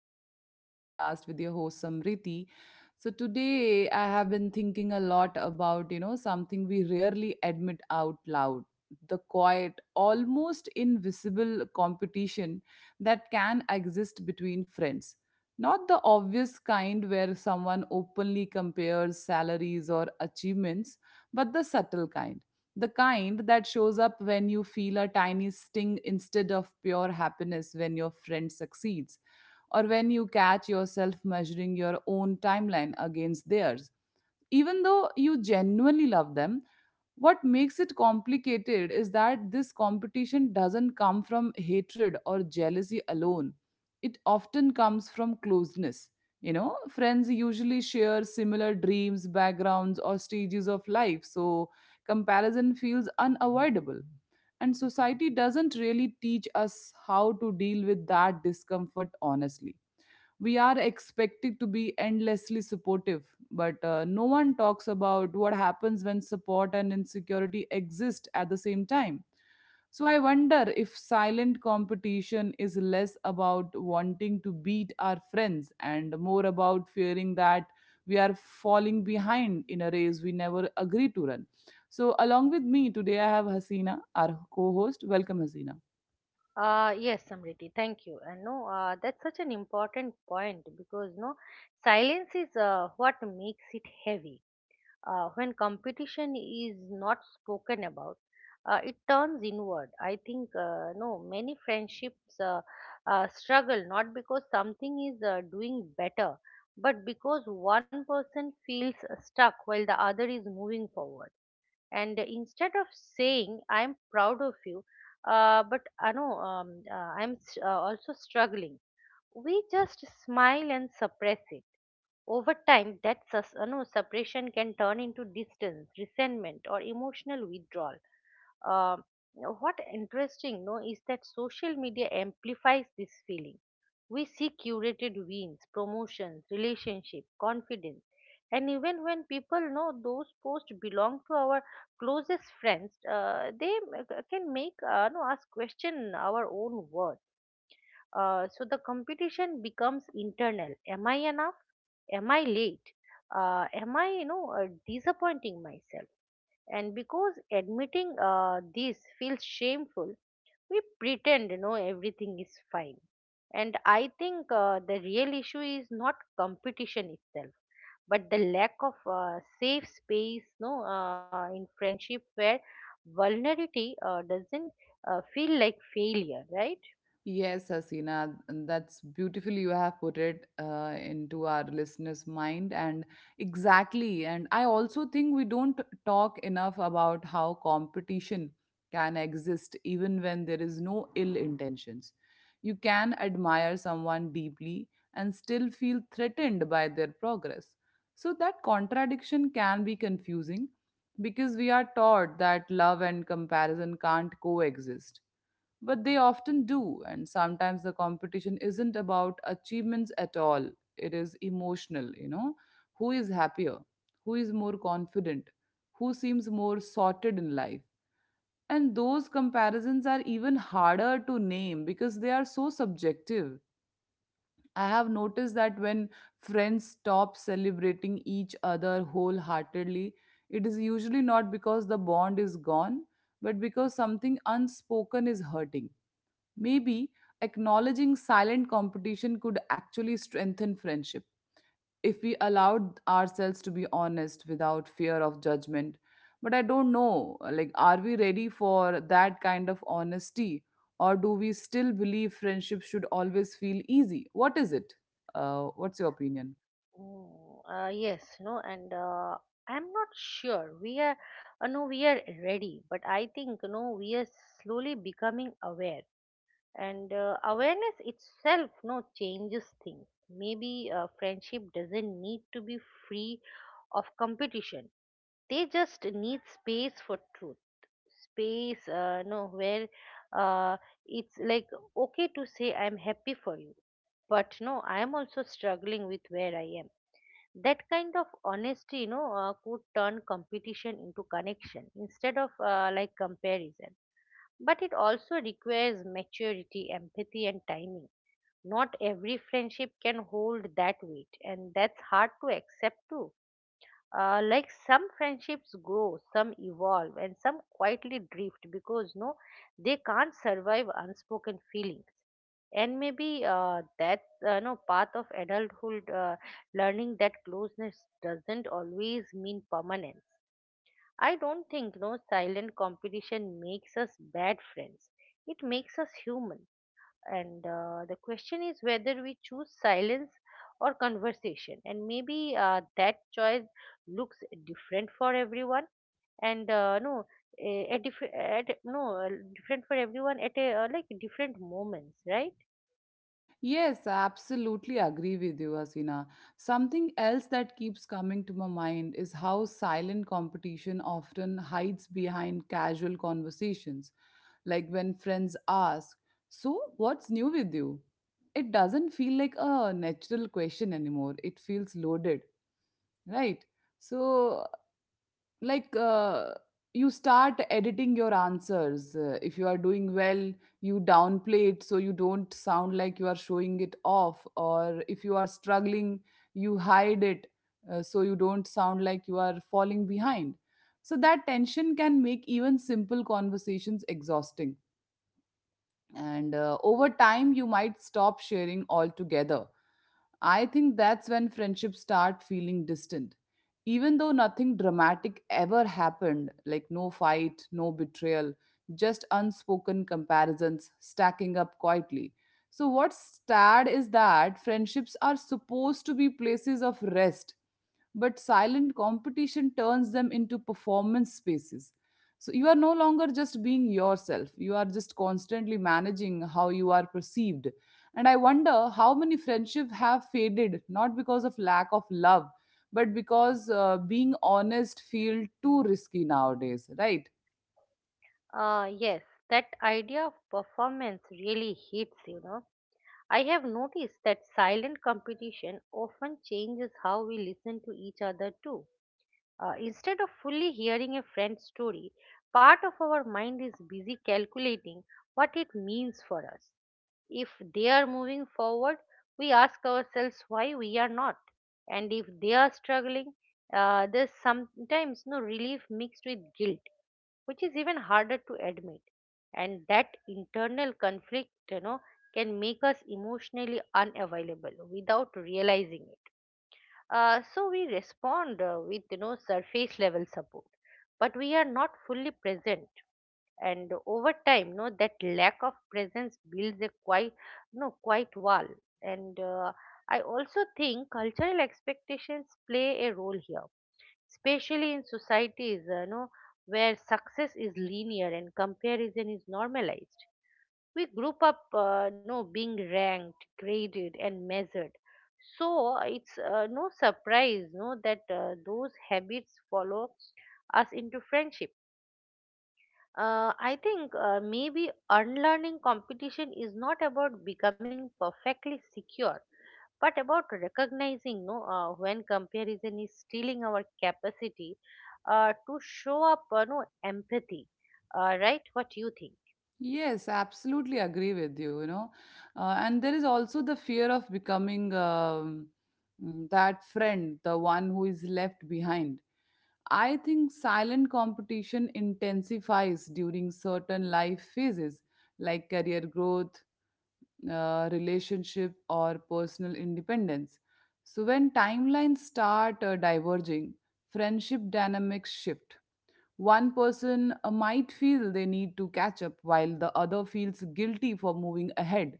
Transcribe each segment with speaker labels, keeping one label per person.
Speaker 1: to another podcast with your host Samriti. So today, I have been thinking a lot about something we rarely admit out loud: the quiet, almost invisible competition that can exist between friends. Not the obvious kind where someone openly compares salaries or achievements, but the subtle kind, the kind that shows up when you feel a tiny sting instead of pure happiness when your friend succeeds, or when you catch yourself measuring your own timeline against theirs. Even though you genuinely love them, what makes it complicated is that this competition doesn't come from hatred or jealousy alone. It often comes from closeness. You know, friends usually share similar dreams, backgrounds, or stages of life, so comparison feels unavoidable. And society doesn't really teach us how to deal with that discomfort honestly. We are expected to be endlessly supportive, but no one talks about what happens when support and insecurity exist at the same time. So I wonder if silent competition is less about wanting to beat our friends and more about fearing that we are falling behind in a race we never agreed to run. So along with me today I have Hasina, our co-host. Welcome, Hasina.
Speaker 2: Yes, Samriti, thank you. And no, that's such an important point because no, silence is what makes it heavy. When competition is not spoken about, it turns inward. I think many friendships struggle not because something is doing better, but because one person feels stuck while the other is moving forward, and instead of saying I'm proud of you, but I know I'm also struggling. We just smile and suppress it. Over time that sus- no, suppression can turn into distance, resentment, or emotional withdrawal. uh, what interesting no is that social media amplifies this feeling. We see curated wins, promotions, relationship, confidence. And even when people know those posts belong to our closest friends, they can make no, us question our own worth. So the competition becomes internal. Am I enough? Am I late? Am I, you know, disappointing myself? And because admitting this feels shameful, we pretend you know everything is fine. And I think the real issue is not competition itself, but the lack of safe space no in friendship where vulnerability doesn't feel like failure, right?
Speaker 1: Yes, Hasina, and that's beautiful. You have put it into our listeners' mind, and exactly. And I also think we don't talk enough about how competition can exist even when there is no ill intentions. You can admire someone deeply and still feel threatened by their progress. So that contradiction can be confusing because we are taught that love and comparison can't coexist, but they often do, and sometimes the competition isn't about achievements at all. It is emotional, you know. Who is happier? Who is more confident? Who seems more sorted in life? And those comparisons are even harder to name because they are so subjective. I have noticed that when friends stop celebrating each other wholeheartedly, it is usually not because the bond is gone, but because something unspoken is hurting. Maybe acknowledging silent competition could actually strengthen friendship if we allowed ourselves to be honest without fear of judgment. But I don't know, like, are we ready for that kind of honesty? Or do we still believe friendship should always feel easy? What is it? What's your opinion?
Speaker 2: Yes no and I'm not sure we are no we are ready, but I think you know we are slowly becoming aware. And awareness itself no changes things. Maybe friendship doesn't need to be free of competition. They just need space for truth, space no where uh, it's like okay to say I'm happy for you, but no I am also struggling with where I am. That kind of honesty you know could turn competition into connection instead of like comparison. But it also requires maturity, empathy, and timing. Not every friendship can hold that weight, and that's hard to accept too. Like some friendships grow, some evolve, and some quietly drift because no, they can't survive unspoken feelings. And maybe that's no part of adulthood, learning that closeness doesn't always mean permanence. I don't think no silent competition makes us bad friends. It makes us human. And the question is whether we choose silence or conversation. And maybe that choice looks different for everyone. And no, eh, at, diff- at no different for everyone at like different moments, right?
Speaker 1: Yes, I absolutely agree with you, Asina. Something else that keeps coming to my mind is how silent competition often hides behind casual conversations. Like when friends ask, so, what's new with you? It doesn't feel like a natural question anymore, it feels loaded, right? So, like, you start editing your answers. If you are doing well, you downplay it so you don't sound like you are showing it off, or if you are struggling, you hide it, so you don't sound like you are falling behind. So that tension can make even simple conversations exhausting, and over time you might stop sharing altogether. I think that's when friendships start feeling distant, even though nothing dramatic ever happened, like no fight, no betrayal, just unspoken comparisons stacking up quietly. So what's sad is that friendships are supposed to be places of rest, but silent competition turns them into performance spaces. So you are no longer just being yourself, you are just constantly managing how you are perceived. And I wonder how many friendships have faded not because of lack of love, but because being honest feel too risky nowadays, right?
Speaker 2: Yes, that idea of performance really hits, you know. I have noticed that silent competition often changes how we listen to each other too. Instead of fully hearing a friend's story, part of our mind is busy calculating what it means for us. If they are moving forward, we ask ourselves why we are not. And if they are struggling, there's sometimes no relief mixed with guilt, which is even harder to admit. And that internal conflict you know can make us emotionally unavailable without realizing it. So we respond with you know surface level support, but we are not fully present. And over time you know that lack of presence builds a quite you know quite wall. And I also think cultural expectations play a role here, especially in societies you know where success is linear and comparison is normalized. We group up you know, being ranked, graded, and measured. So it's surprise no that those habits follow us into friendship. I think maybe unlearning competition is not about becoming perfectly secure, but about recognizing no when comparison is stealing our capacity to show up no empathy. Right, what you think?
Speaker 1: Yes, absolutely agree with you, you know. And there is also the fear of becoming that friend, the one who is left behind. I think silent competition intensifies during certain life phases like career growth, relationship, or personal independence. So, when timelines start diverging, friendship dynamics shift. One person might feel they need to catch up while the other feels guilty for moving ahead,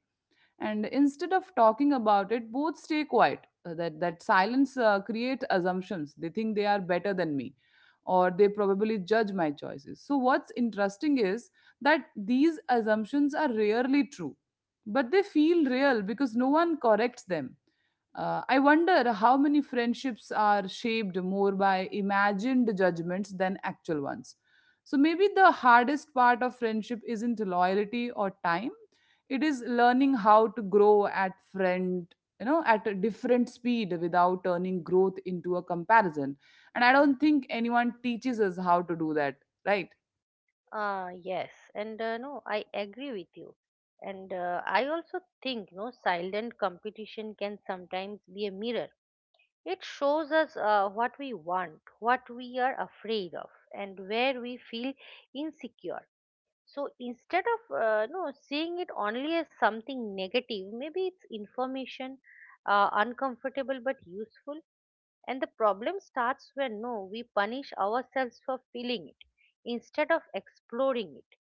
Speaker 1: and instead of talking about it, both stay quiet. That silence creates assumptions. They think they are better than me, or they probably judge my choices. So what's interesting is that these assumptions are rarely true, but they feel real because no one corrects them. I wonder how many friendships are shaped more by imagined judgments than actual ones. So maybe the hardest part of friendship isn't loyalty or time, it is learning how to grow at friend, you know, at a different speed without turning growth into a comparison. And I don't think anyone teaches us how to do that, right?
Speaker 2: Yes, and no, I agree with you. And I also think no silent competition can sometimes be a mirror. It shows us what we want, what we are afraid of, and where we feel insecure. So instead of no seeing it only as something negative, maybe it's information, uncomfortable but useful. And the problem starts when no, we punish ourselves for feeling it instead of exploring it.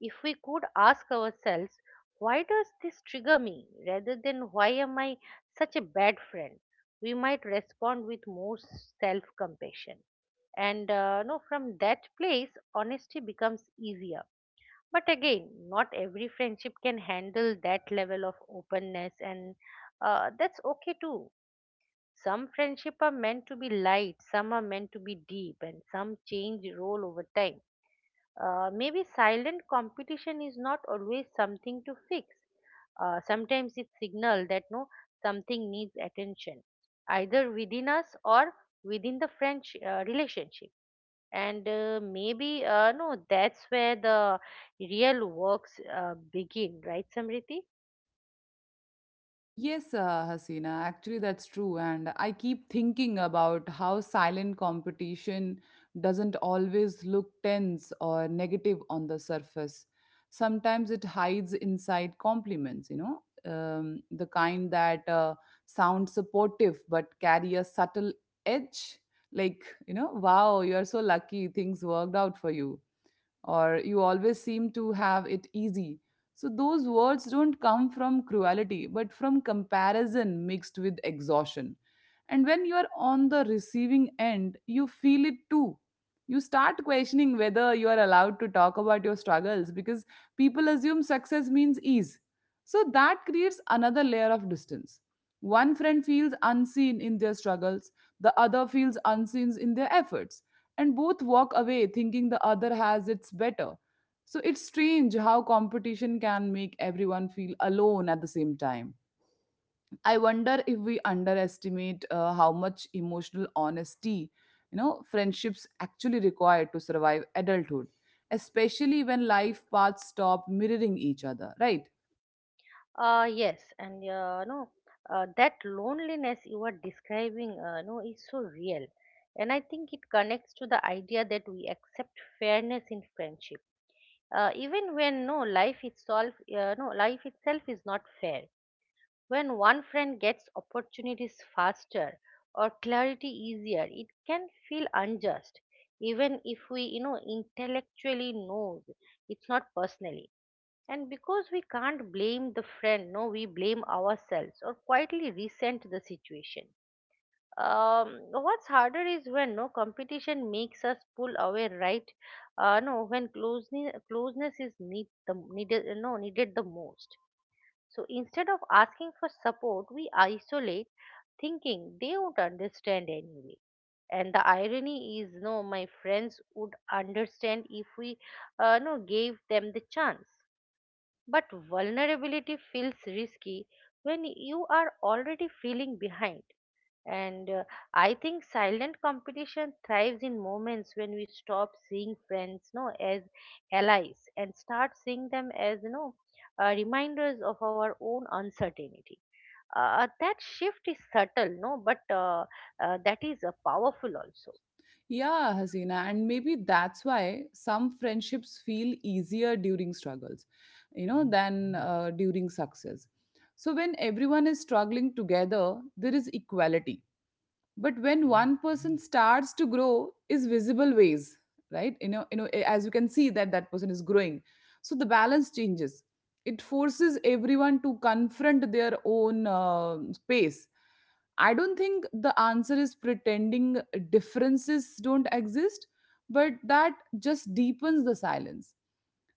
Speaker 2: If we could ask ourselves, why does this trigger me, rather than why am I such a bad friend, we might respond with more self compassion. And no, from that place, honesty becomes easier, but again, not every friendship can handle that level of openness, and that's okay too. Some friendship are meant to be light, some are meant to be deep, and some change role over time. Maybe silent competition is not always something to fix. Sometimes it signal that no something needs attention, either within us or within the French relationship. And maybe no that's where the real works begin, right Samriti?
Speaker 1: Yes, Hasina, actually that's true. And I keep thinking about how silent competition doesn't always look tense or negative on the surface. Sometimes it hides inside compliments, you know, the kind that sound supportive but carry a subtle edge. Like, you know, wow, you're so lucky, things worked out for you, or you always seem to have it easy. So those words don't come from cruelty, but from comparison mixed with exhaustion. And when you are on the receiving end, you feel it too. You start questioning whether you are allowed to talk about your struggles because people assume success means ease. So that creates another layer of distance. One friend feels unseen in their struggles, the other feels unseen in their efforts, and both walk away thinking the other has it's better. So it's strange how competition can make everyone feel alone at the same time. I wonder if we underestimate how much emotional honesty, you know, friendships actually require to survive adulthood, especially when life paths stop mirroring each other, right?
Speaker 2: Yes, and no that loneliness you are describing no is so real. And I think it connects to the idea that we accept fairness in friendship, even when no life itself is not fair. When one friend gets opportunities faster or clarity easier, it can feel unjust, even if we, you know, intellectually know it's not personally. And because we can't blame the friend, no, we blame ourselves or quietly resent the situation. What's harder is when no competition makes us pull away, right? No, when closeness is needed, no, needed the most. So instead of asking for support, we isolate, thinking they won't understand anyway. And the irony is, no, my friends would understand if we, no, gave them the chance. But vulnerability feels risky when you are already feeling behind. And I think silent competition thrives in moments when we stop seeing friends, no, as allies and start seeing them as, you know, reminders of our own uncertainty. That shift is subtle, no, but that is powerful also.
Speaker 1: Yeah, Hasina, and maybe that's why some friendships feel easier during struggles, you know, than during success. So when everyone is struggling together, there is equality, but when one person starts to grow is visible ways, right, you know, you know, as you can see that that person is growing, so the balance changes. It forces everyone to confront their own space. I don't think the answer is pretending differences don't exist, but that just deepens the silence.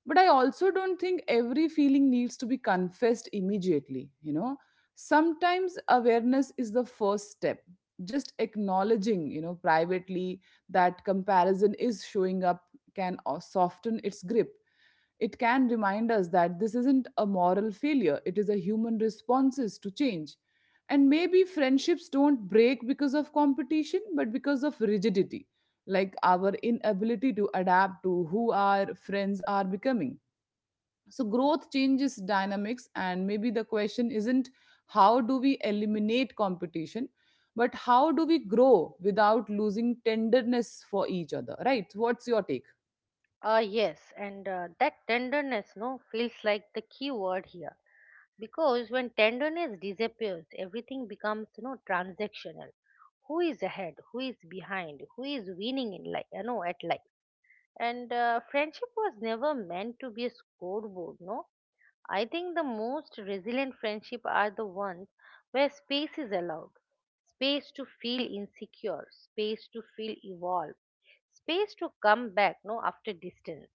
Speaker 1: But I also don't think every feeling needs to be confessed immediately, you know. Sometimes awareness is the first step, just acknowledging, you know, privately, that comparison is showing up can soften its grip. It can remind us that this isn't a moral failure, it is a human responses to change. And maybe friendships don't break because of competition but because of rigidity, like our inability to adapt to who our friends are becoming. So growth changes dynamics, and maybe the question isn't how do we eliminate competition, but how do we grow without losing tenderness for each other, right? What's your take?
Speaker 2: Yes, and that tenderness, no, feels like the key word here. Because when tenderness disappears everything becomes you know transactional. Who is ahead, who is behind, who is winning in life you know at life. And friendship was never meant to be a scoreboard no. I think the most resilient friendship are the ones where space is allowed, space to feel insecure, space to feel evolved, space to come back no after distance.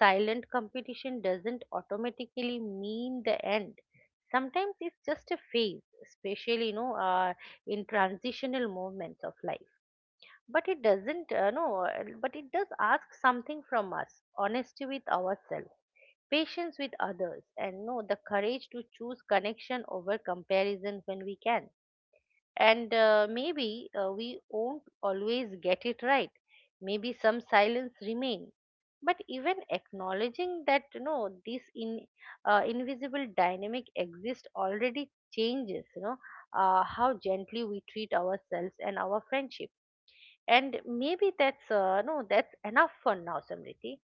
Speaker 2: Silent competition doesn't automatically mean the end. Sometimes it's just a phase, especially you know, in transitional moments of life. But it doesn't, no, but it does ask something from us: honesty with ourselves, patience with others, and no, the courage to choose connection over comparison when we can. And maybe we won't always get it right. Maybe some silence remain. But even acknowledging that you know this in invisible dynamic exists already changes you know how gently we treat ourselves and our friendship. And maybe that's no that's enough for now, Samriti.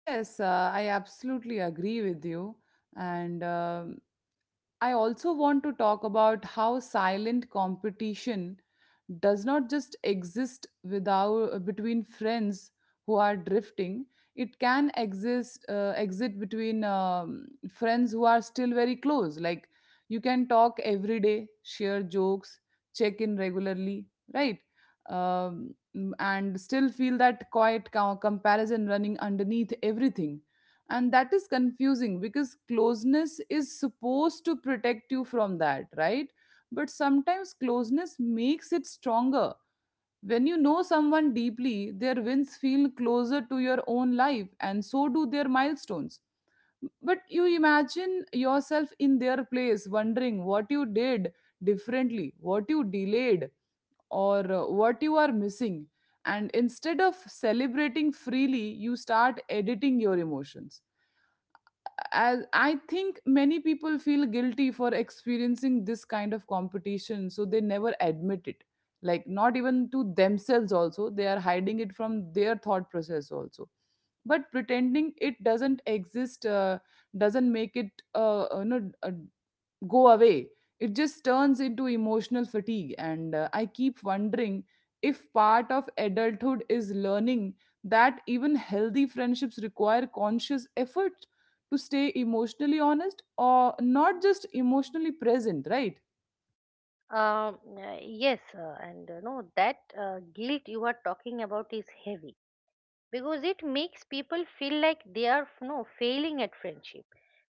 Speaker 1: Yes, I absolutely agree with you. And I also want to talk about how silent competition does not just exist without between friends who are drifting. It can exist, exit between friends who are still very close. Like, you can talk every day, share jokes, check in regularly, right? Um, and still feel that quiet comparison running underneath everything, and that is confusing because closeness is supposed to protect you from that, right? But sometimes closeness makes it stronger. When you know someone deeply, their wins feel closer to your own life, and so do their milestones. But you imagine yourself in their place wondering what you did differently, what you delayed, or what you are missing, and instead of celebrating freely you start editing your emotions. As I think many people feel guilty for experiencing this kind of competition, so they never admit it, like not even to themselves. Also, they are hiding it from their thought process also. But pretending it doesn't exist doesn't make it, go away. It just turns into emotional fatigue. And I keep wondering if part of adulthood is learning that even healthy friendships require conscious effort to stay emotionally honest or not just emotionally present, right?
Speaker 2: Yes, and no that guilt you are talking about is heavy, because it makes people feel like they are no failing at friendship.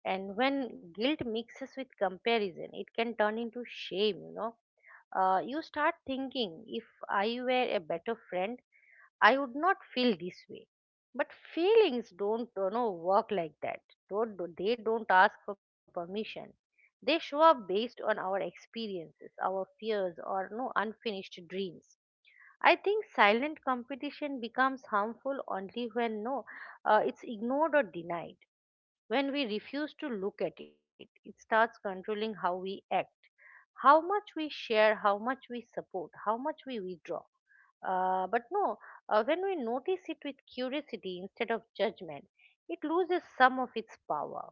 Speaker 2: And when guilt mixes with comparison it can turn into shame, you know. You start thinking, if I were a better friend I would not feel this way. But feelings don't you know work like that. Don't they don't ask for permission. They show up based on our experiences, our fears, or no unfinished dreams. I think silent competition becomes harmful only when no, it's ignored or denied. When we refuse to look at it, it starts controlling how we act, how much we share, how much we support, how much we withdraw. But no, when we notice it with curiosity instead of judgment, it loses some of its power.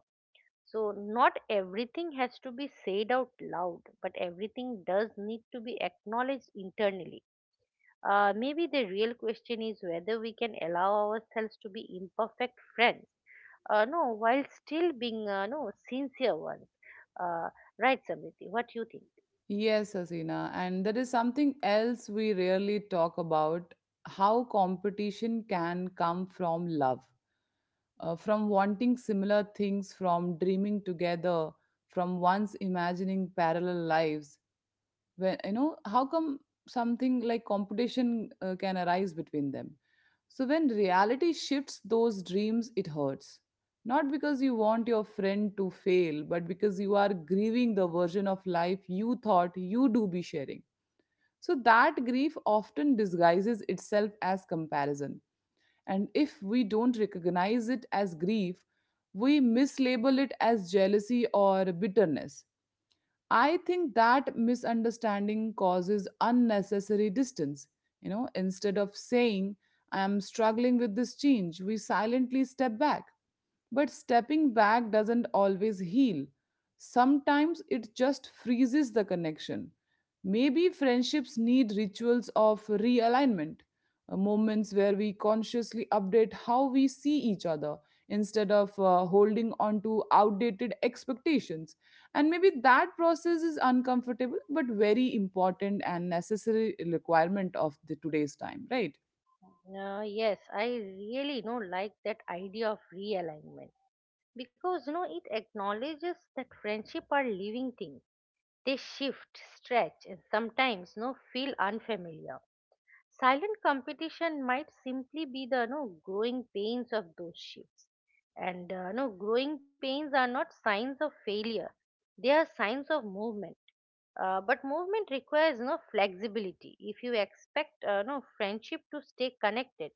Speaker 2: So, not everything has to be said out loud, but everything does need to be acknowledged internally. Maybe the real question is whether we can allow ourselves to be imperfect friends, no, while still being no sincere ones. Uh, right, Samriti? What do you think?
Speaker 1: Yes, Asina. And there is something else we rarely talk about: how competition can come from love, from wanting similar things, from dreaming together, from once imagining parallel lives. When you know how come something like competition can arise between them. So when reality shifts those dreams, it hurts, not because you want your friend to fail but because you are grieving the version of life you thought you do be sharing. So that grief often disguises itself as comparison, and if we don't recognize it as grief, we mislabel it as jealousy or bitterness. I think that misunderstanding causes unnecessary distance. You know, instead of saying, I am struggling with this change, we silently step back. But stepping back doesn't always heal. Sometimes it just freezes the connection. Maybe friendships need rituals of realignment, moments where we consciously update how we see each other instead of holding on to outdated expectations. And maybe that process is uncomfortable but very important and necessary requirement of the today's time, right?
Speaker 2: Yes, I really know like that idea of realignment, because you know it acknowledges that friendship are living things. They shift, stretch, and sometimes no feel unfamiliar. Silent competition might simply be the no growing pains of those shifts. And no growing pains are not signs of failure. They are signs of movement. But movement requires no flexibility. If you expect no friendship to stay connected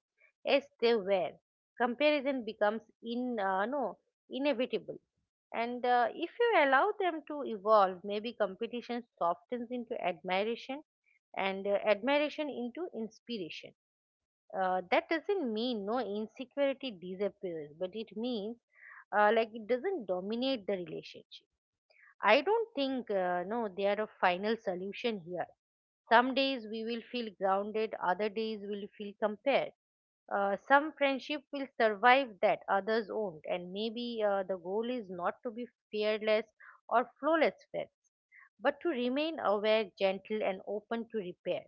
Speaker 2: as they were, comparison becomes in no inevitable. And if you allow them to evolve, maybe competition softens into admiration, and admiration into inspiration. That doesn't mean no insecurity disappears, but it means like it doesn't dominate the relationship. I don't think no they are a final solution here. Some days we will feel grounded, other days we will feel compared, some friendship will survive that, others won't. And maybe the goal is not to be fearless or flawless friends, but to remain aware, gentle, and open to repair.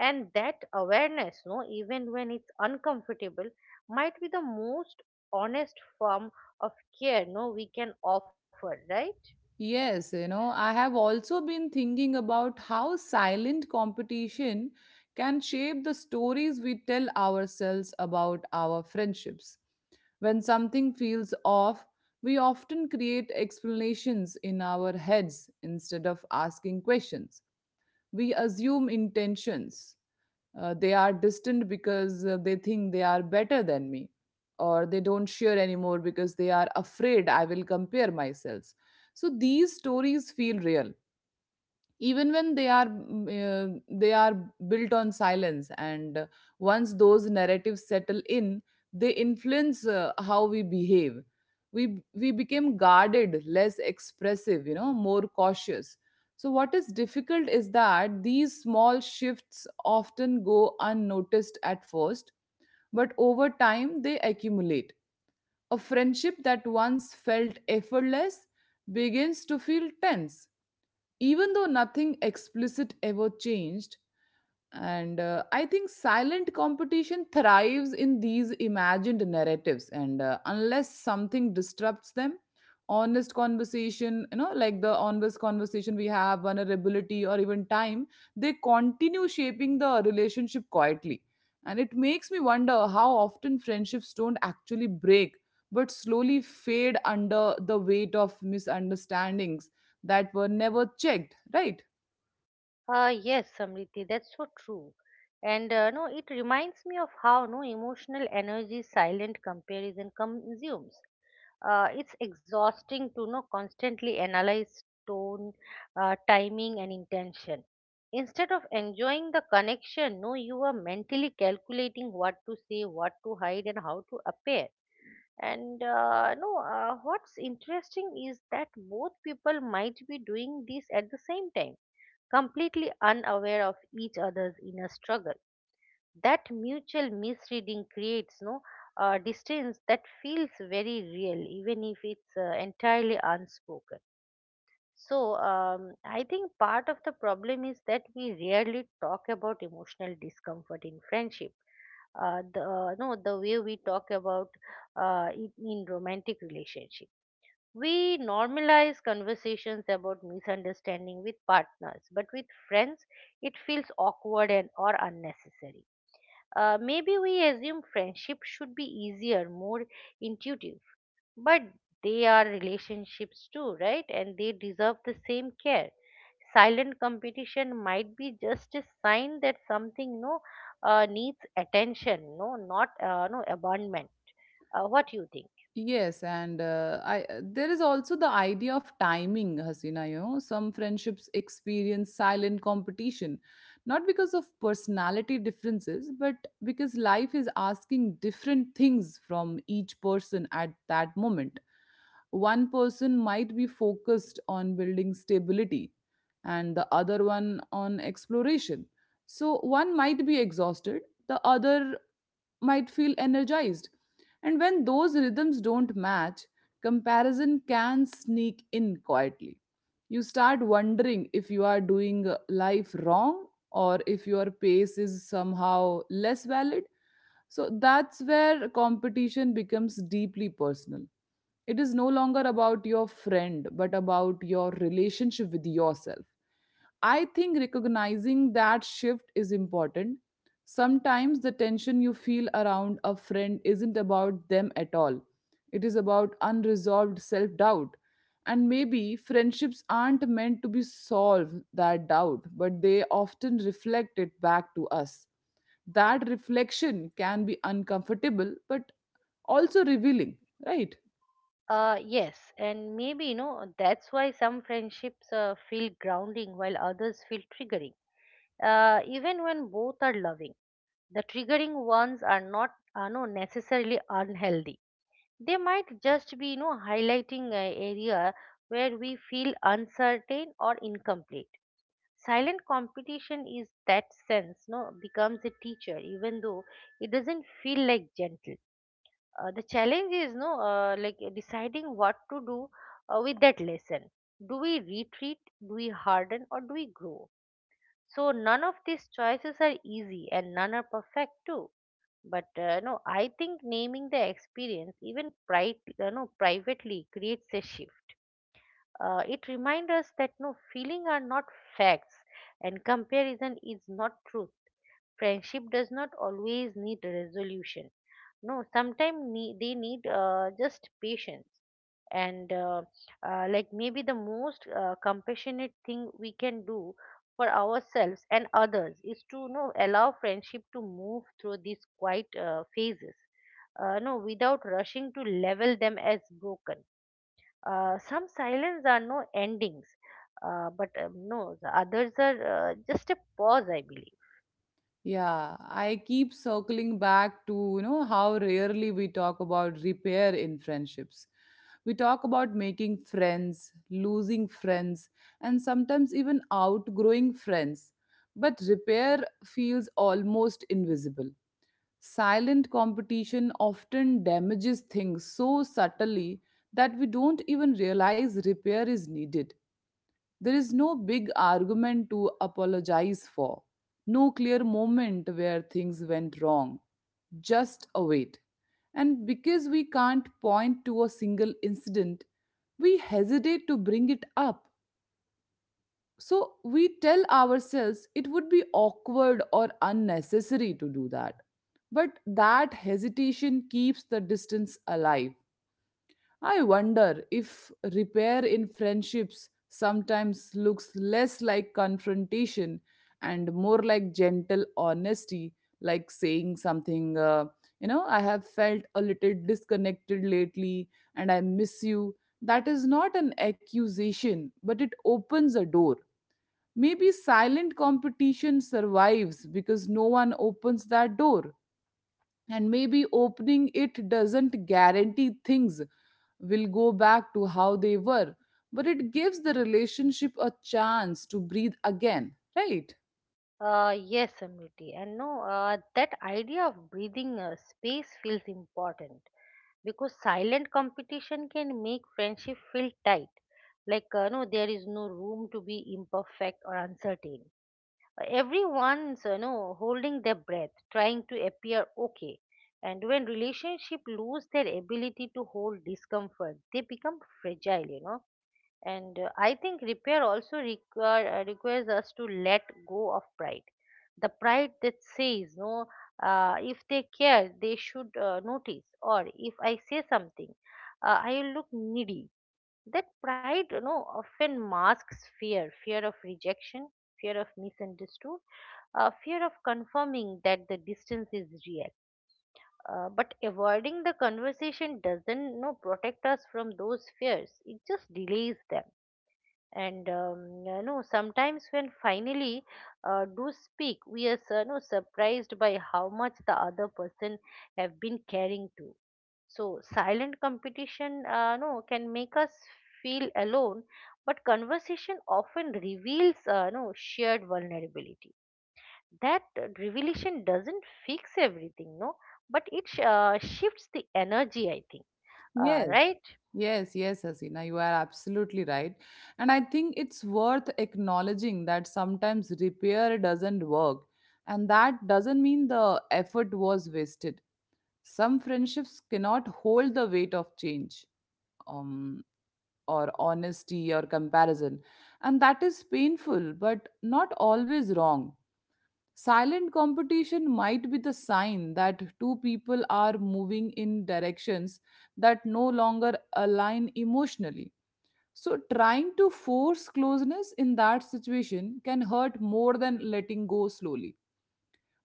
Speaker 2: And that awareness, no, even when it's uncomfortable, might be the most honest form of care no we can offer, right?
Speaker 1: Yes, you know, I have also been thinking about how silent competition can shape the stories we tell ourselves about our friendships. When something feels off, we often create explanations in our heads instead of asking questions. We assume intentions. They are distant because they think they are better than me, or they don't share anymore because they are afraid I will compare myself. So these stories feel real even when they are they are built on silence, and once those narratives settle in, they influence how we behave. We became guarded, less expressive, you know, more cautious. So what is difficult is that these small shifts often go unnoticed at first, but over time they accumulate. A friendship that once felt effortless begins to feel tense even though nothing explicit ever changed. And I think silent competition thrives in these imagined narratives, and unless something disrupts them — honest conversation, you know, like the honest conversation we have, vulnerability, or even time — they continue shaping the relationship quietly. And it makes me wonder how often friendships don't actually break but slowly fade under the weight of misunderstandings that were never checked, right?
Speaker 2: Yes, Samriti, that's so true. And no, it reminds me of how no emotional energy silent comparison consumes. It's exhausting to no constantly analyze tone, timing, and intention. Instead of enjoying the connection, no, you are mentally calculating what to say, what to hide, and how to appear. And no, what's interesting is that both people might be doing this at the same time, completely unaware of each other's inner struggle. That mutual misreading creates no distance that feels very real, even if it's entirely unspoken. So I think part of the problem is that we rarely talk about emotional discomfort in friendship, the no the way we talk about it in romantic relationships. We normalize conversations about misunderstanding with partners, but with friends, it feels awkward and or unnecessary. Maybe we assume friendship should be easier, more intuitive, but they are relationships too, right? And they deserve the same care. Silent competition might be just a sign that something no needs attention, no, not no abandonment. What do you think?
Speaker 1: Yes, and I there is also the idea of timing, Hasina. You know, some friendships experience silent competition not because of personality differences, but because life is asking different things from each person at that moment. One person might be focused on building stability, and the other one on exploration. So one might be exhausted, the other might feel energized, and when those rhythms don't match, comparison can sneak in quietly. You start wondering if you are doing life wrong or if your pace is somehow less valid. So that's where competition becomes deeply personal. It is no longer about your friend, but about your relationship with yourself. I think recognizing that shift is important. Sometimes the tension you feel around a friend isn't about them at all, it is about unresolved self doubt. And maybe friendships aren't meant to be solved that doubt, but they often reflect it back to us. That reflection can be uncomfortable, but also revealing, right?
Speaker 2: Yes, and maybe, you know, that's why some friendships feel grounding while others feel triggering. Even when both are loving, the triggering ones are not necessarily unhealthy. They might just be, you know, highlighting an area where we feel uncertain or incomplete. Silent competition is that sense, no, becomes a teacher, even though it doesn't feel like gentle. The challenge is no deciding what to do with that lesson. Do we retreat, do we harden, or do we grow? So none of these choices are easy and none are perfect too. But no, I think naming the experience, even no, privately, creates a shift. It reminds us that no feeling are not facts, and comparison is not truth. Friendship does not always need a resolution, no, sometimes need, they need just patience. And maybe the most compassionate thing we can do for ourselves and others is to, you know, allow friendship to move through these quiet phases, no, without rushing to level them as broken. Some silence are no endings, but no the others are just a pause, I believe.
Speaker 1: Yeah, I keep circling back to, you know, how rarely we talk about repair in friendships. We talk about making friends, losing friends, and sometimes even outgrowing friends. But repair feels almost invisible. Silent competition often damages things so subtly that we don't even realize repair is needed. There is no big argument to apologize for, no clear moment where things went wrong, just a wait. And because we can't point to a single incident, we hesitate to bring it up. So we tell ourselves it would be awkward or unnecessary to do that. But that hesitation keeps the distance alive. I wonder if repair in friendships sometimes looks less like confrontation and more like gentle honesty, like saying something, you know, I have felt a little disconnected lately and I miss you. That is not an accusation, but it opens a door. Maybe silent competition survives because no one opens that door, and maybe opening it doesn't guarantee things will go back to how they were, but it gives the relationship a chance to breathe again, right?
Speaker 2: Yes, Amriti. And no, that idea of breathing space feels important because silent competition can make friendship feel tight. Like, no, there is no room to be imperfect or uncertain. Everyone's, you know, holding their breath, trying to appear okay. And when relationship lose their ability to hold discomfort, they become fragile, you know. And I think repair also require, requires us to let go of pride, the pride that says no, if they care they should notice, or if I say something I will look needy. That pride, you know, often masks fear. Fear of rejection, fear of misunderstood, fear of confirming that the distance is real. But avoiding the conversation doesn't, you know, protect us from those fears; it just delays them. And you know, sometimes when finally do speak, we are, you know, surprised by how much the other person have been caring to. So silent competition no can make us feel alone, but conversation often reveals no shared vulnerability. That revelation doesn't fix everything, no, but it shifts the energy, I think.
Speaker 1: Yes,
Speaker 2: Right.
Speaker 1: yes, Hasina, you are absolutely right. And I think it's worth acknowledging that sometimes repair doesn't work, and that doesn't mean the effort was wasted. Some friendships cannot hold the weight of change. Um. Or honesty or comparison. And that is painful, but not always wrong. Silent competition might be the sign that two people are moving in directions that no longer align emotionally. So, trying to force closeness in that situation can hurt more than letting go slowly.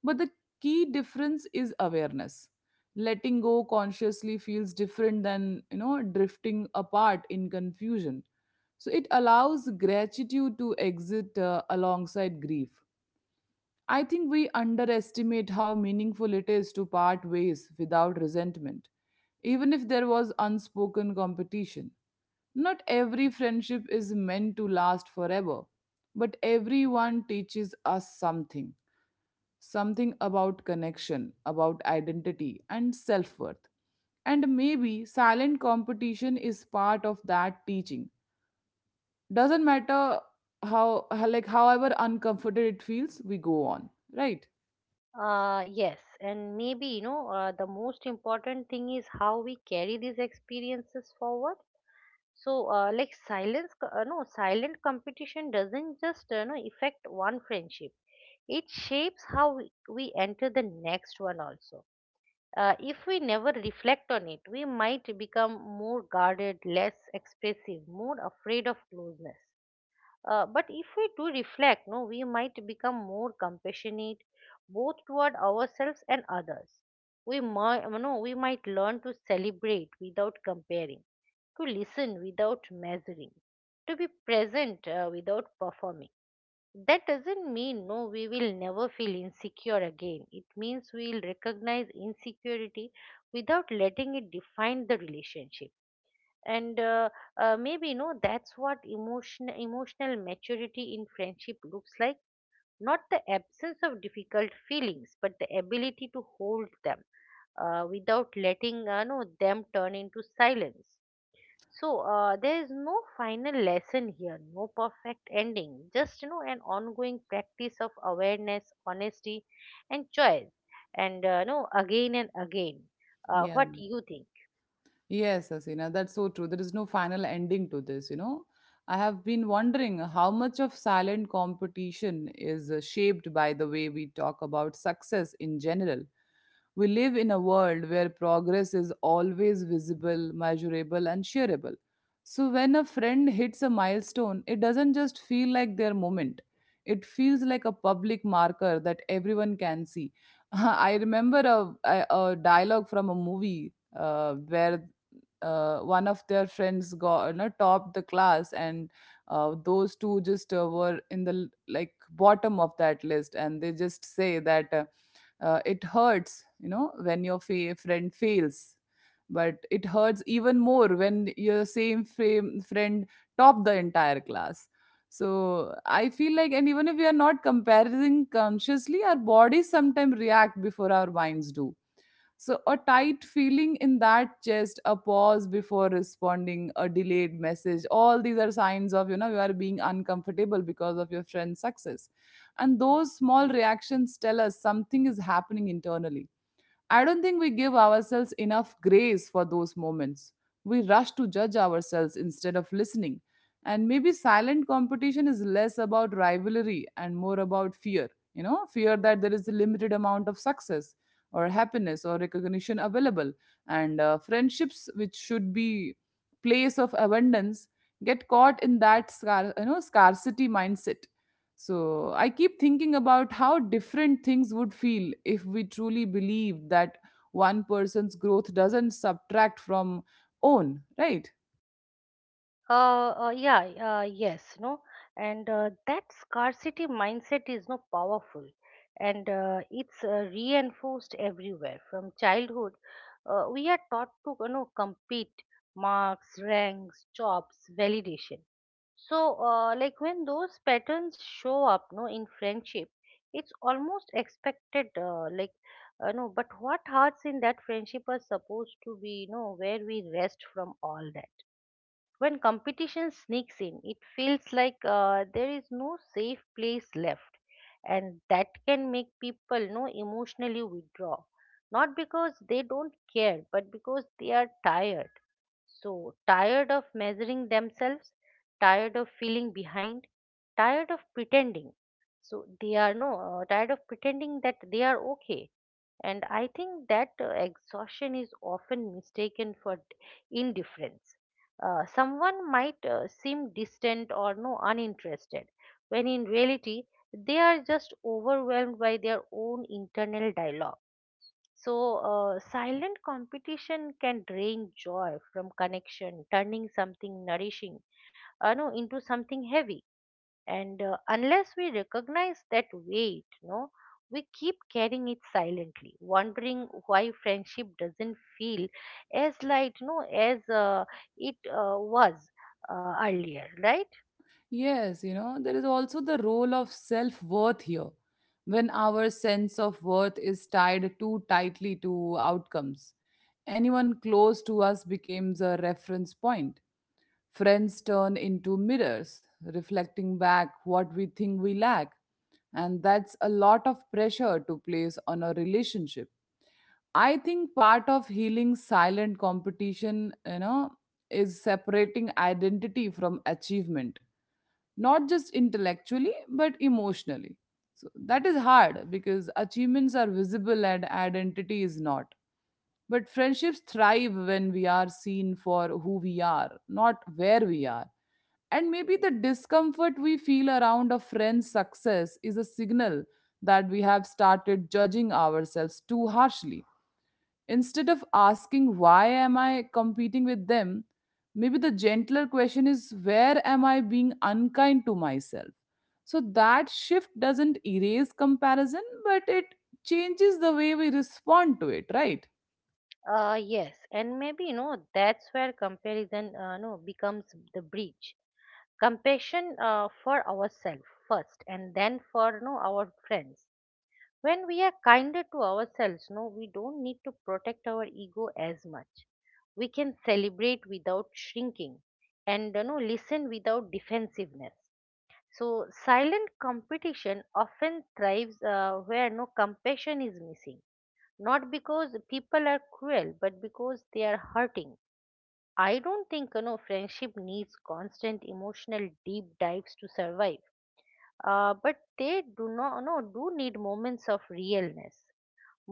Speaker 1: But the key difference is awareness. Letting go consciously feels different than, you know, drifting apart in confusion. So it allows gratitude to exit alongside grief. I think we underestimate how meaningful it is to part ways without resentment, even if there was unspoken competition. Not every friendship is meant to last forever, but everyone teaches us something, something about connection, about identity, and self worth. And maybe silent competition is part of that teaching. Doesn't matter like, however uncomfortable it feels, we go on, right?
Speaker 2: Yes, and maybe, you know, the most important thing is how we carry these experiences forward. So, like no, silent competition doesn't just no affect one friendship; it shapes how we enter the next one also. If we never reflect on it, we might become more guarded, less expressive, more afraid of closeness. But if we do reflect, no, we might become more compassionate, both toward ourselves and others. We might, no, we might learn to celebrate without comparing, to listen without measuring, to be present without performing. That doesn't mean no, we will never feel insecure again. It means we will recognize insecurity without letting it define the relationship. And maybe no, that's what emotion, emotional maturity in friendship looks like. Not the absence of difficult feelings, but the ability to hold them without letting no, them turn into silence. So there is no final lesson here, no perfect ending, just, you know, an ongoing practice of awareness, honesty, and choice. And no, again and again, what
Speaker 1: Yeah.
Speaker 2: do you think?
Speaker 1: Yes, Asina, that's so true. There is no final ending to this, you know. I have been wondering how much of silent competition is shaped by the way we talk about success in general. We live in a world where progress is always visible, measurable, and shareable. So when a friend hits a milestone, it doesn't just feel like their moment. It feels like a public marker that everyone can see. I remember a dialogue from a movie where one of their friends got, you know, topped the class, and those two just were in the like bottom of that list, and they just say that it hurts, you know, when your friend fails, but it hurts even more when your same fame friend top the entire class. So I feel like, and even if we are not comparing consciously, our bodies sometimes react before our minds do. So, a tight feeling in that chest, a pause before responding, a delayed message, all these are signs of, you know, you are being uncomfortable because of your friend's success. And those small reactions tell us something is happening internally. I don't think we give ourselves enough grace for those moments. We rush to judge ourselves instead of listening. And maybe silent competition is less about rivalry and more about fear, you know, fear that there is a limited amount of success or happiness or recognition available. And friendships, which should be place of abundance, get caught in that you know, scarcity mindset. So I keep thinking about how different things would feel if we truly believed that one person's growth doesn't subtract from own, right?
Speaker 2: Yeah, yes, no, and that scarcity mindset is no powerful, and it's reinforced everywhere. From childhood, we are taught to, you know, compete. Marks, ranks, jobs, validation. So, like when those patterns show up, no, in friendship, it's almost expected. Like, no, but what hearts in that friendship are supposed to be, you know, where we rest from all that. When competition sneaks in, it feels like there is no safe place left, and that can make people, you know, emotionally withdraw. Not because they don't care, but because they are tired. So tired of measuring themselves, tired of feeling behind, tired of pretending. So they are no tired of pretending that they are okay. And I think that exhaustion is often mistaken for indifference. Someone might seem distant or no uninterested, when in reality they are just overwhelmed by their own internal dialogue. So silent competition can drain joy from connection, turning something nourishing no into something heavy. And unless we recognize that weight, no, we keep carrying it silently, wondering why friendship doesn't feel as light, no, as it was earlier, right?
Speaker 1: Yes, you know, there is also the role of self worth here. When our sense of worth is tied too tightly to outcomes, anyone close to us becomes a reference point. Friends turn into mirrors, reflecting back what we think we lack. And that's a lot of pressure to place on a relationship. I think part of healing silent competition, you know, is separating identity from achievement, not just intellectually, but emotionally. So that is hard because achievements are visible and identity is not. But friendships thrive when we are seen for who we are, not where we are. And maybe the discomfort we feel around a friend's success is a signal that we have started judging ourselves too harshly. Instead of asking, why am I competing with them? Maybe the gentler question is, where am I being unkind to myself? So that shift doesn't erase comparison, but it changes the way we respond to it, right?
Speaker 2: Yes, and maybe, you know, that's where comparison no becomes the bridge. Compassion for ourselves first, and then for no our friends. When we are kinder to ourselves, no, we don't need to protect our ego as much. We can celebrate without shrinking, and, you know, listen without defensiveness. So silent competition often thrives where no compassion is missing, not because people are cruel, but because they are hurting. I don't think, you know, friendship needs constant emotional deep dives to survive, but they do not no do need moments of realness.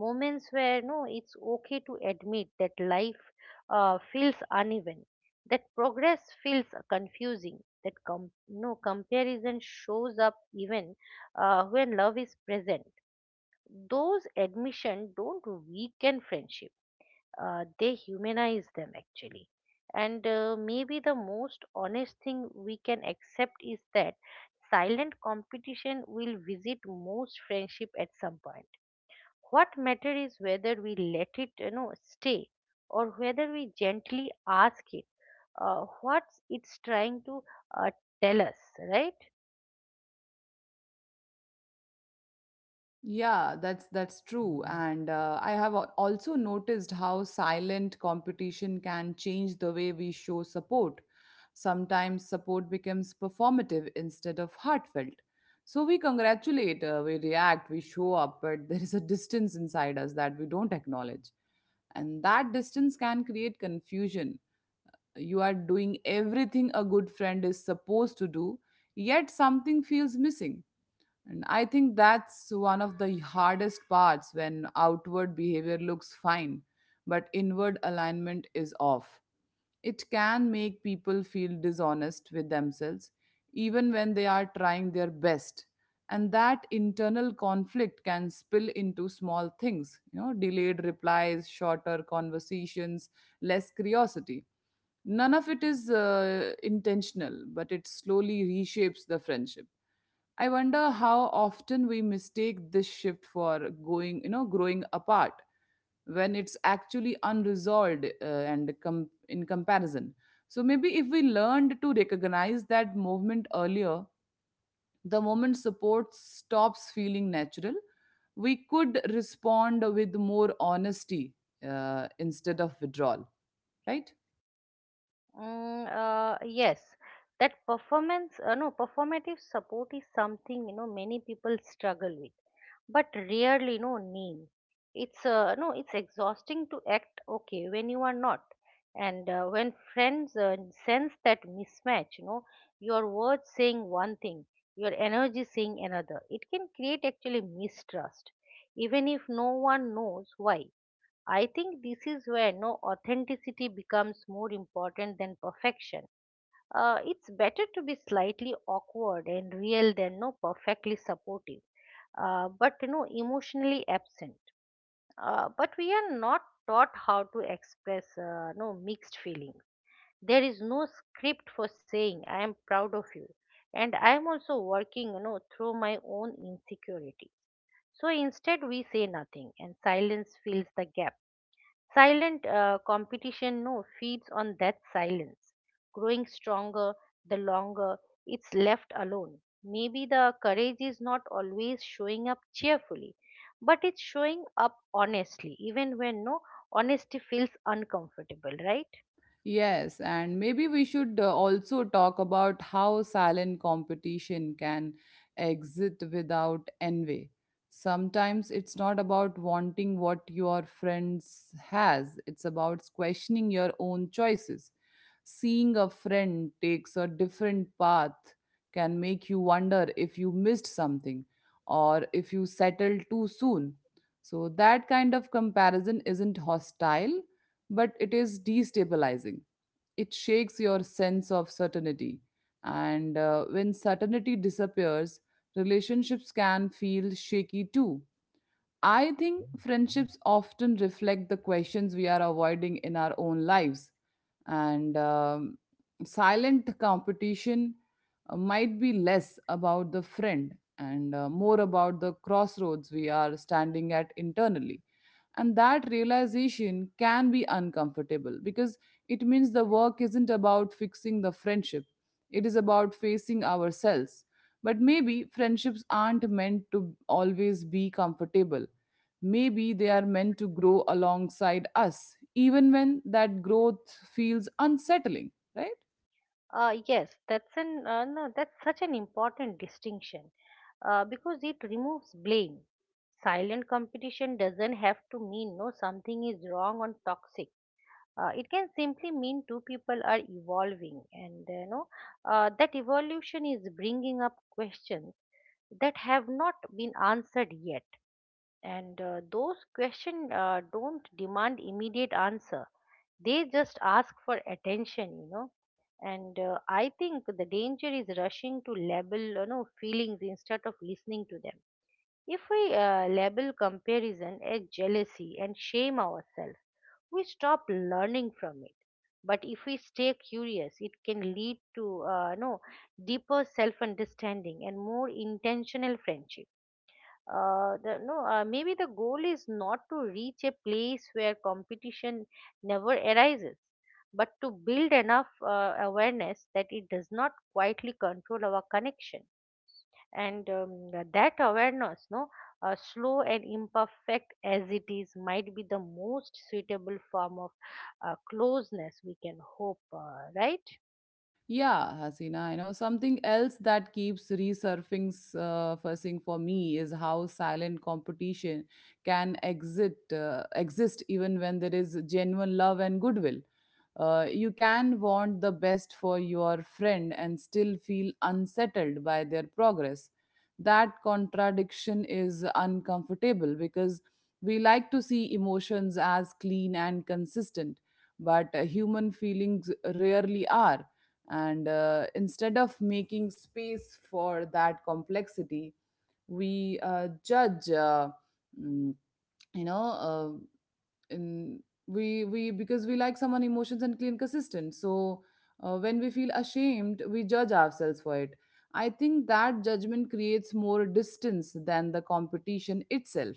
Speaker 2: Moments where no it's okay to admit that life feels uneven, that progress feels confusing, that no comparison shows up even when love is present. Those admission don't weaken friendship, they humanize them, actually. And maybe the most honest thing we can accept is that silent competition will visit most friendship at some point. What matter is whether we let it, you know, stay, or whether we gently ask it what it's trying to uh, tell us, right?
Speaker 1: Yeah, that's true. And I have also noticed how silent competition can change the way we show support. Sometimes support becomes performative instead of heartfelt. So we congratulate, we react, we show up, but there is a distance inside us that we don't acknowledge. And that distance can create confusion. You are doing everything a good friend is supposed to do, yet something feels missing. And I think that's one of the hardest parts, when outward behavior looks fine, but inward alignment is off. It can make people feel dishonest with themselves, even when they are trying their best. And that internal conflict can spill into small things, you know, delayed replies, shorter conversations, less curiosity. None of it is intentional, but it slowly reshapes the friendship. I wonder how often we mistake this shift for growing apart when it's actually unresolved in comparison. So maybe if we learned to recognize that movement earlier, the moment support stops feeling natural, we could respond with more honesty instead of withdrawal, right?
Speaker 2: Yes. That performance no, performative support is something, you know, many people struggle with but rarely no name. It's no, it's exhausting to act okay when you are not. And when friends sense that mismatch, you know, your words saying one thing, your energy saying another, it can create actually mistrust, even if no one knows why. I think this is where no authenticity becomes more important than perfection. It's better to be slightly awkward and real than no perfectly supportive, but, you know, emotionally absent. But we are not taught how to express no mixed feelings. There is no script for saying I am proud of you, and I am also working, you know, through my own insecurity. So instead we say nothing, and silence fills the gap. Silent competition, no, feeds on that silence, growing stronger the longer it's left alone. Maybe the courage is not always showing up cheerfully, but it's showing up honestly, even when no honesty feels uncomfortable, right?
Speaker 1: Yes, and maybe we should also talk about how silent competition can exist without envy. Sometimes it's not about wanting what your friends has, it's about questioning your own choices. Seeing a friend takes a different path can make you wonder if you missed something or if you settled too soon. So, that kind of comparison isn't hostile, but it is destabilizing. It shakes your sense of certainty. And when certainty disappears, relationships can feel shaky too. I think friendships often reflect the questions we are avoiding in our own lives. And silent competition might be less about the friend and more about the crossroads we are standing at internally. And that realization can be uncomfortable because it means the work isn't about fixing the friendship, it is about facing ourselves. But maybe friendships aren't meant to always be comfortable. Maybe they are meant to grow alongside us, even when that growth feels unsettling, right?
Speaker 2: Yes, that's an no, that's such an important distinction because it removes blame. Silent competition doesn't have to mean no something is wrong or toxic. It can simply mean two people are evolving, and you know, that evolution is bringing up questions that have not been answered yet. And those questions don't demand immediate answer; they just ask for attention, you know. And I think the danger is rushing to label, you know, feelings instead of listening to them. If we label comparison as jealousy and shame ourselves, we stop learning from it. But if we stay curious, it can lead to no deeper self-understanding and more intentional friendship. The, no, maybe the goal is not to reach a place where competition never arises, but to build enough awareness that it does not quietly control our connection, and that awareness no slow and imperfect as it is, might be the most suitable form of closeness we can hope right.
Speaker 1: Yeah, Hasina, I know something else that keeps resurfacing fussing for me is how silent competition can exit exist even when there is genuine love and goodwill. You can want the best for your friend and still feel unsettled by their progress. That contradiction is uncomfortable because we like to see emotions as clean and consistent, but human feelings rarely are, and instead of making space for that complexity we judge mm, you know in we because we like someone emotions and clean consistent. So when we feel ashamed we judge ourselves for it. I think that judgment creates more distance than the competition itself,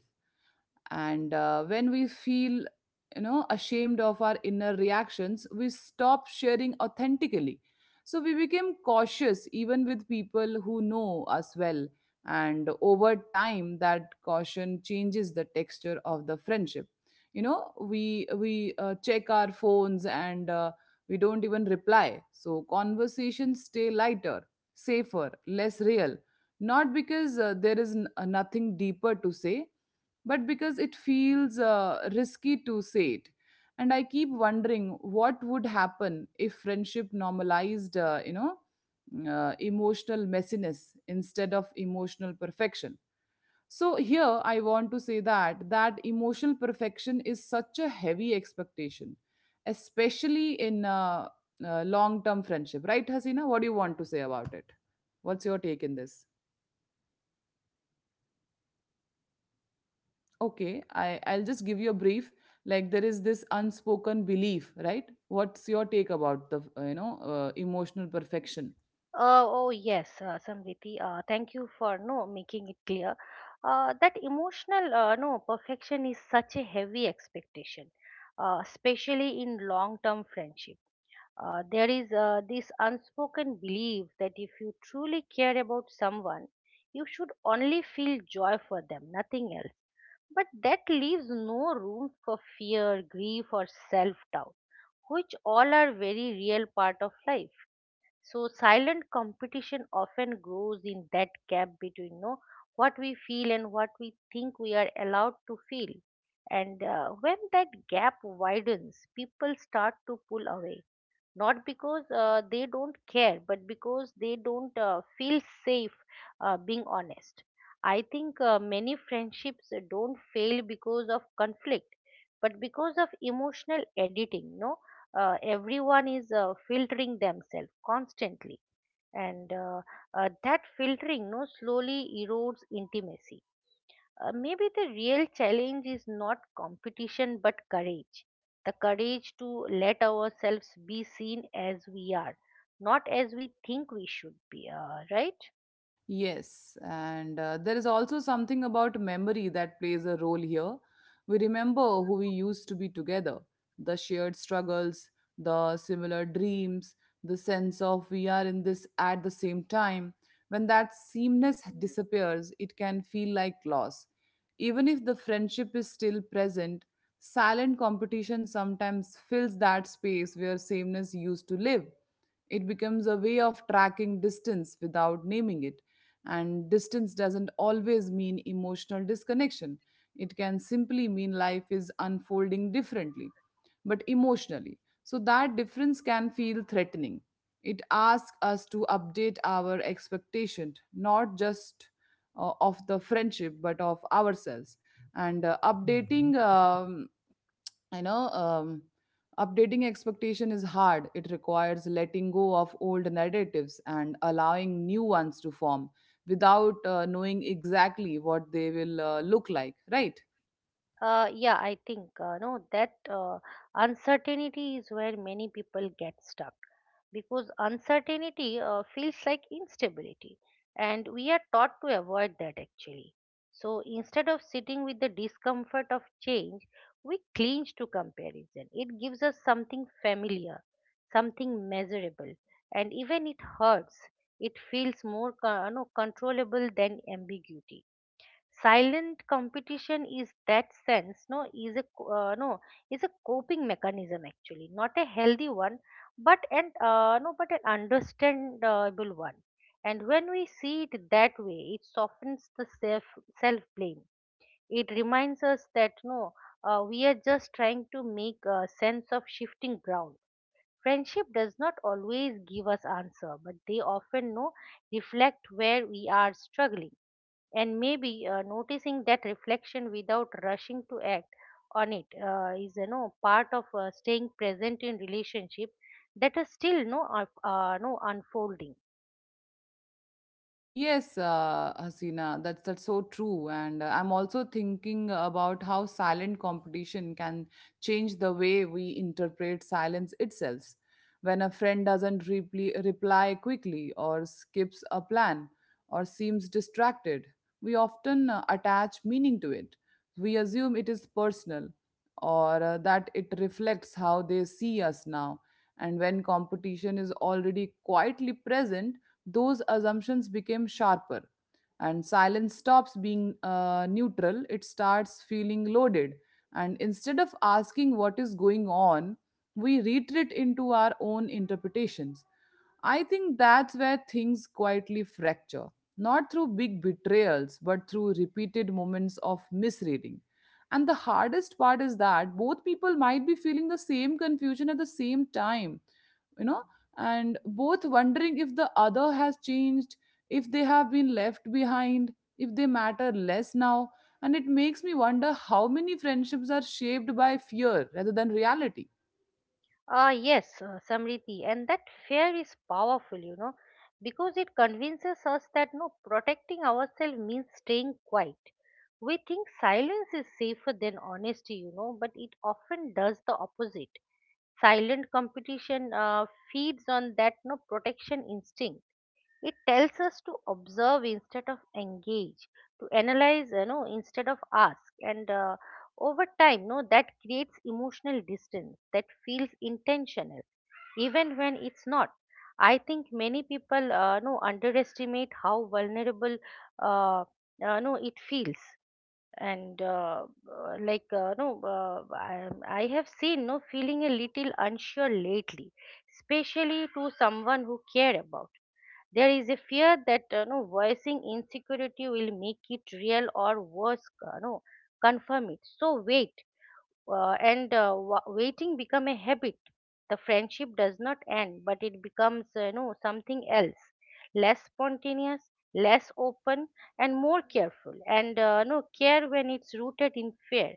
Speaker 1: and when we feel ashamed of our inner reactions we stop sharing authentically. So we became cautious even with people who know us well, and over time that caution changes the texture of the friendship. You know, we check our phones and we don't even reply, so conversations stay lighter, safer, less real. Not because there is nothing deeper to say, but because it feels risky to say it. And I keep wondering what would happen if friendship normalized, emotional messiness instead of emotional perfection. So here I want to say that that emotional perfection is such a heavy expectation, especially in long-term friendship, right, Hasina? What do you want to say about it? What's your take in this? Okay, I'll just give you a brief. Like, there is this unspoken belief, right? What's your take about the emotional perfection?
Speaker 2: Oh yes, Samriti, thank you for no making it clear that emotional no perfection is such a heavy expectation, especially in long term friendship. There is this unspoken belief that if you truly care about someone, you should only feel joy for them, nothing else. But that leaves no room for fear, grief, or self doubt, which all are very real part of life. So, silent competition often grows in that gap between you know, what we feel and what we think we are allowed to feel. And when that gap widens, people start to pull away, not because they don't care, but because they don't feel safe being honest. I think many friendships don't fail because of conflict, but because of emotional editing no Everyone is filtering themselves constantly, and that filtering no slowly erodes intimacy. Maybe the real challenge is not competition but courage. The courage to let ourselves be seen as we are, not as we think we should be, right?
Speaker 1: Yes, and there is also something about memory that plays a role here. We remember who we used to be together, the shared struggles, the similar dreams, the sense of we are in this at the same time. When that sameness disappears, it can feel like loss. Even if the friendship is still present, silent competition sometimes fills that space where sameness used to live. It becomes a way of tracking distance without naming it, and distance doesn't always mean emotional disconnection, it can simply mean life is unfolding differently, but emotionally. So that difference can feel threatening. It asks us to update our expectation, not just of the friendship, but of ourselves. And updating you know updating expectation is hard. It requires letting go of old narratives and allowing new ones to form without knowing exactly what they will look like, right?
Speaker 2: Yeah, I think no that uncertainty is where many people get stuck, because uncertainty feels like instability, and we are taught to avoid that actually. So instead of sitting with the discomfort of change, we cling to comparison. It gives us something familiar, something measurable, and even it hurts. It feels more co- no, controllable than ambiguity. Silent competition is that sense no is a co- no is a coping mechanism, actually, not a healthy one, but an no but an understandable one. And when we see it that way, it softens the self self blame. It reminds us that no we are just trying to make a sense of shifting ground. Friendship does not always give us answer, but they often no reflect where we are struggling. And maybe noticing that reflection, without rushing to act on it, is you know part of staying present in relationship that are still no no unfolding.
Speaker 1: Yes, Hasina, that's so true, and I'm also thinking about how silent competition can change the way we interpret silence itself. When a friend doesn't reply, reply quickly, or skips a plan, or seems distracted, we often attach meaning to it. We assume it is personal, or that it reflects how they see us now. And when competition is already quietly present, those assumptions became sharper, and silence stops being neutral, it starts feeling loaded. And instead of asking what is going on, we retreat into our own interpretations. I think that's where things quietly fracture, not through big betrayals but through repeated moments of misreading. And the hardest part is that both people might be feeling the same confusion at the same time, you know, and both wondering if the other has changed, if they have been left behind, if they matter less now. And it makes me wonder how many friendships are shaped by fear rather than reality.
Speaker 2: Ah, yes, Samriti, and that fear is powerful you know, because it convinces us that no protecting ourselves means staying quiet. We think silence is safer than honesty, you know, but it often does the opposite. Silent competition feeds on that no protection instinct. It tells us to observe instead of engage, to analyze, you know, instead of ask. And over time, no, that creates emotional distance that feels intentional, even when it's not. I think many people, underestimate how vulnerable, uh, no, it feels. And like, no, I have seen, no, feeling a little unsure lately, especially to someone who care about. There is a fear that you know, voicing insecurity will make it real or worse, no, confirm it. So waiting become a habit. The friendship does not end, but it becomes you know something else, less spontaneous, less open, and more careful. And no care, when it's rooted in fear,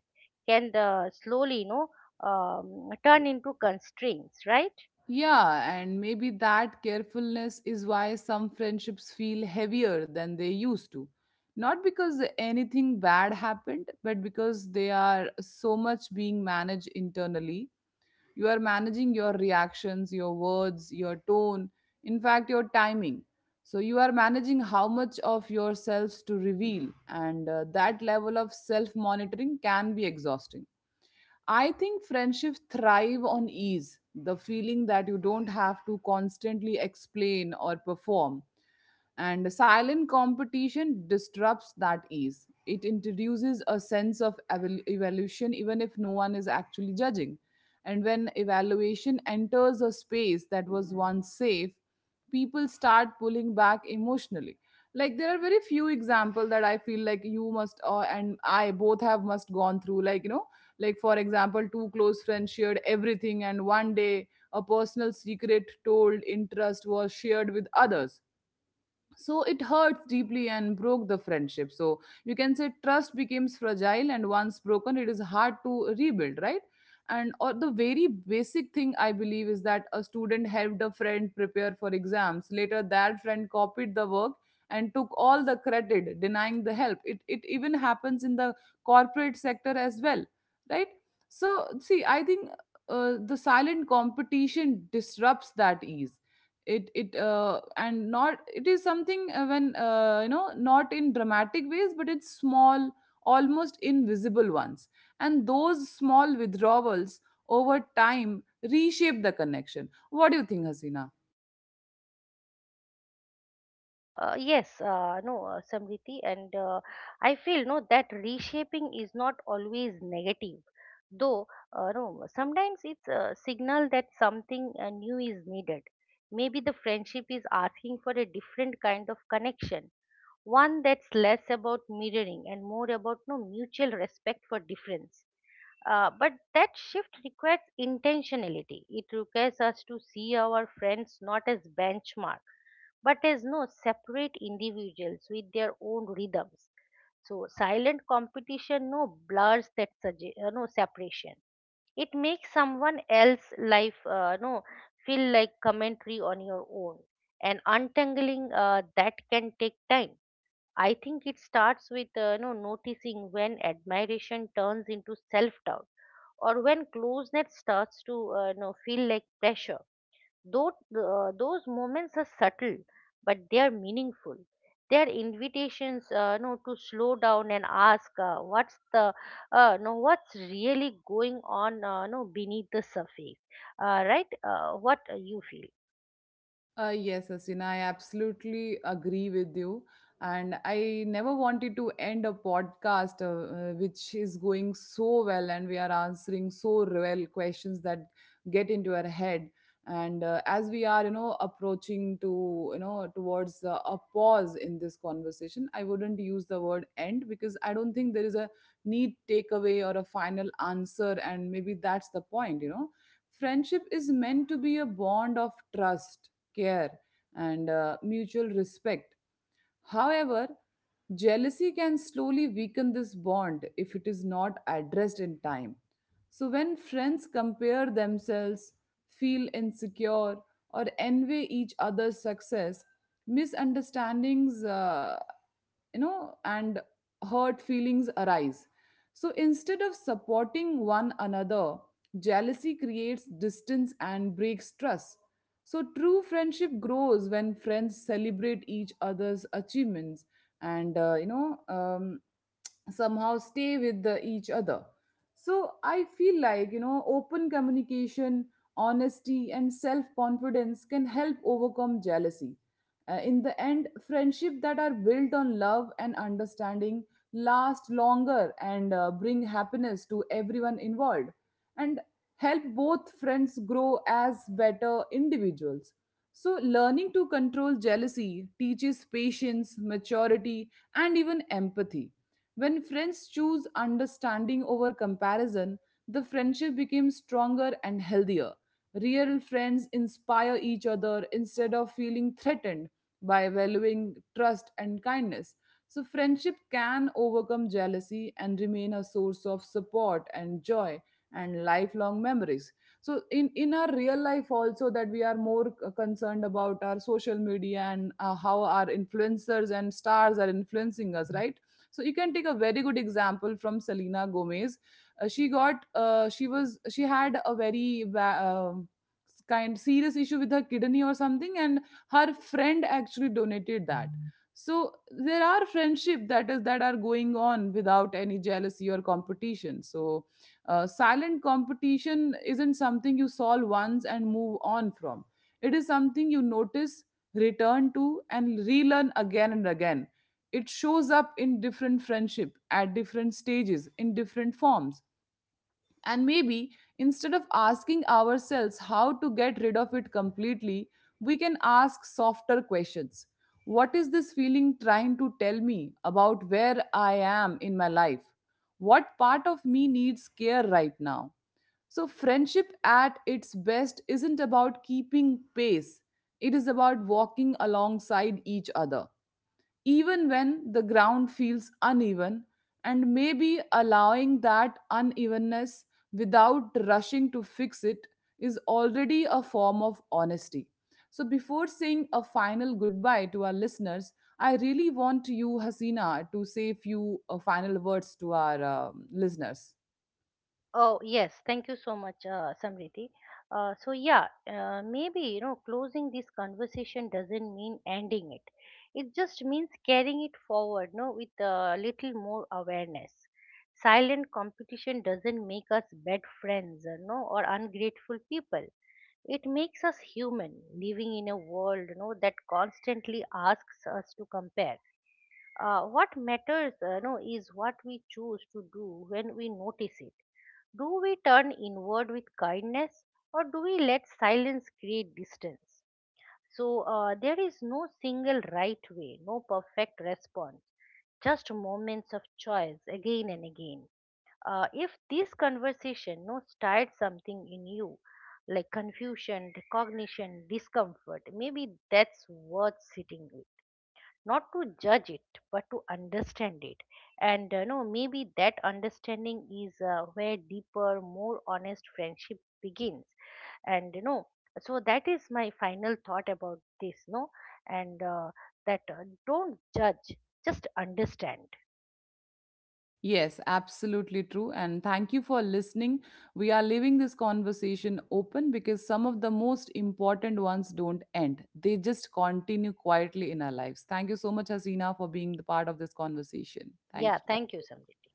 Speaker 2: can slowly you know turn into constraints, right?
Speaker 1: Yeah, and maybe that carefulness is why some friendships feel heavier than they used to. Not because anything bad happened, but because they are so much being managed internally. You are managing your reactions, your words, your tone, in fact, your timing. So, you are managing how much of yourselves to reveal, and that level of self monitoring can be exhausting. I think friendships thrive on ease, the feeling that you don't have to constantly explain or perform. And silent competition disrupts that ease. It introduces a sense of evolution, even if no one is actually judging. And when evaluation enters a space that was once safe, people start pulling back emotionally. Like, there are very few examples that I feel like you must and I both have must gone through. Like, you know, like for example, two close friends shared everything, and one day a personal secret told interest was shared with others, so it hurts deeply and broke the friendship. So you can say trust becomes fragile, and once broken it is hard to rebuild, right? And or the very basic thing I believe is that a student helped a friend prepare for exams, later that friend copied the work and took all the credit, denying the help. It even happens in the corporate sector as well, right? So see, I think the silent competition disrupts that ease. It and not it is something when, you know, not in dramatic ways, but it's small, almost invisible ones. And those small withdrawals over time reshape the connection. What do you think, Hasina?
Speaker 2: Yes, no, Samriti, and I feel that reshaping is not always negative, though no sometimes it's a signal that something new is needed. Maybe the friendship is asking for a different kind of connection, one that's less about mirroring and more about no mutual respect for difference. But that shift requires intentionality. It requires us to see our friends not as benchmark, but as no separate individuals with their own rhythms. So silent competition blurs that sugge- no separation. It makes someone else's life no feel like commentary on your own. And untangling that can take time. I think it starts with no noticing when admiration turns into self doubt, or when closeness starts to you know, feel like pressure. Though those moments are subtle, but they are meaningful. They are invitations, you know, to slow down and ask you know, what's really going on, you know, beneath the surface, right? What you feel?
Speaker 1: Yes, Asina, I absolutely agree with you. And I never wanted to end a podcast which is going so well and we are answering so well questions that get into our head. And as we are, you know, approaching to, you know, towards a pause in this conversation, I wouldn't use the word end because I don't think there is a neat takeaway or a final answer. And maybe that's the point, you know. Friendship is meant to be a bond of trust, care, and mutual respect. However, jealousy can slowly weaken this bond if it is not addressed in time. So, when friends compare themselves, feel insecure, or envy each other's success, misunderstandings, and hurt feelings arise. So, instead of supporting one another, jealousy creates distance and breaks trust. So, true friendship grows when friends celebrate each other's achievements and, somehow stay with the, each other. So I feel like, you know, open communication, honesty, and self confidence can help overcome jealousy. In the end, friendship that are built on love and understanding last longer and bring happiness to everyone involved and help both friends grow as better individuals. So, learning to control jealousy teaches patience, maturity, and even empathy. When friends choose understanding over comparison, the friendship becomes stronger and healthier. Real friends inspire each other instead of feeling threatened. By valuing trust and kindness, So, friendship can overcome jealousy and remain a source of support and joy and lifelong memories. So in our real life also that we are more concerned about our social media and how our influencers and stars are influencing us, right? So you can take a very good example from Selena Gomez. She got she had a very kind serious issue with her kidney or something, and her friend actually donated that. So there are friendship that are going on without any jealousy or competition. So silent competition isn't something you solve once and move on from. It is something you notice, return to, and relearn again and again. It shows up in different friendship, at different stages, in different forms. And maybe instead of asking ourselves how to get rid of it completely, we can ask softer questions. What is this feeling trying to tell me about where I am in my life? What part of me needs care right now? So, friendship at its best isn't about keeping pace, it is about walking alongside each other even when the ground feels uneven, and maybe allowing that unevenness without rushing to fix it is already a form of honesty. So, before saying a final goodbye to our listeners, I really want you, Hasina, to say few final words to our listeners.
Speaker 2: Oh, yes. Thank you so much, Samriti. So, yeah, maybe, you know, closing this conversation doesn't mean ending it. It just means carrying it forward, no, with a little more awareness. Silent competition doesn't make us bad friends, no, or ungrateful people. It makes us human, living in a world, no, that constantly asks us to compare. What matters no, is what we choose to do when we notice it. Do we turn inward with kindness, or do we let silence create distance? So there is no single right way, no perfect response, just moments of choice again and again. If this conversation no started something in you, like confusion, recognition, discomfort, maybe that's worth sitting with, not to judge it but to understand it. And uh, no maybe that understanding is where deeper, more honest friendship begins. And you know, so that is my final thought about this no and that, don't judge, just understand.
Speaker 1: Yes, absolutely true. And thank you for listening. We are leaving this conversation open because some of the most important ones don't end, they just continue quietly in our lives. Thank you so much, Hasina, for being the part of this conversation. Thank
Speaker 2: Yeah,
Speaker 1: you.
Speaker 2: thank you Samrit.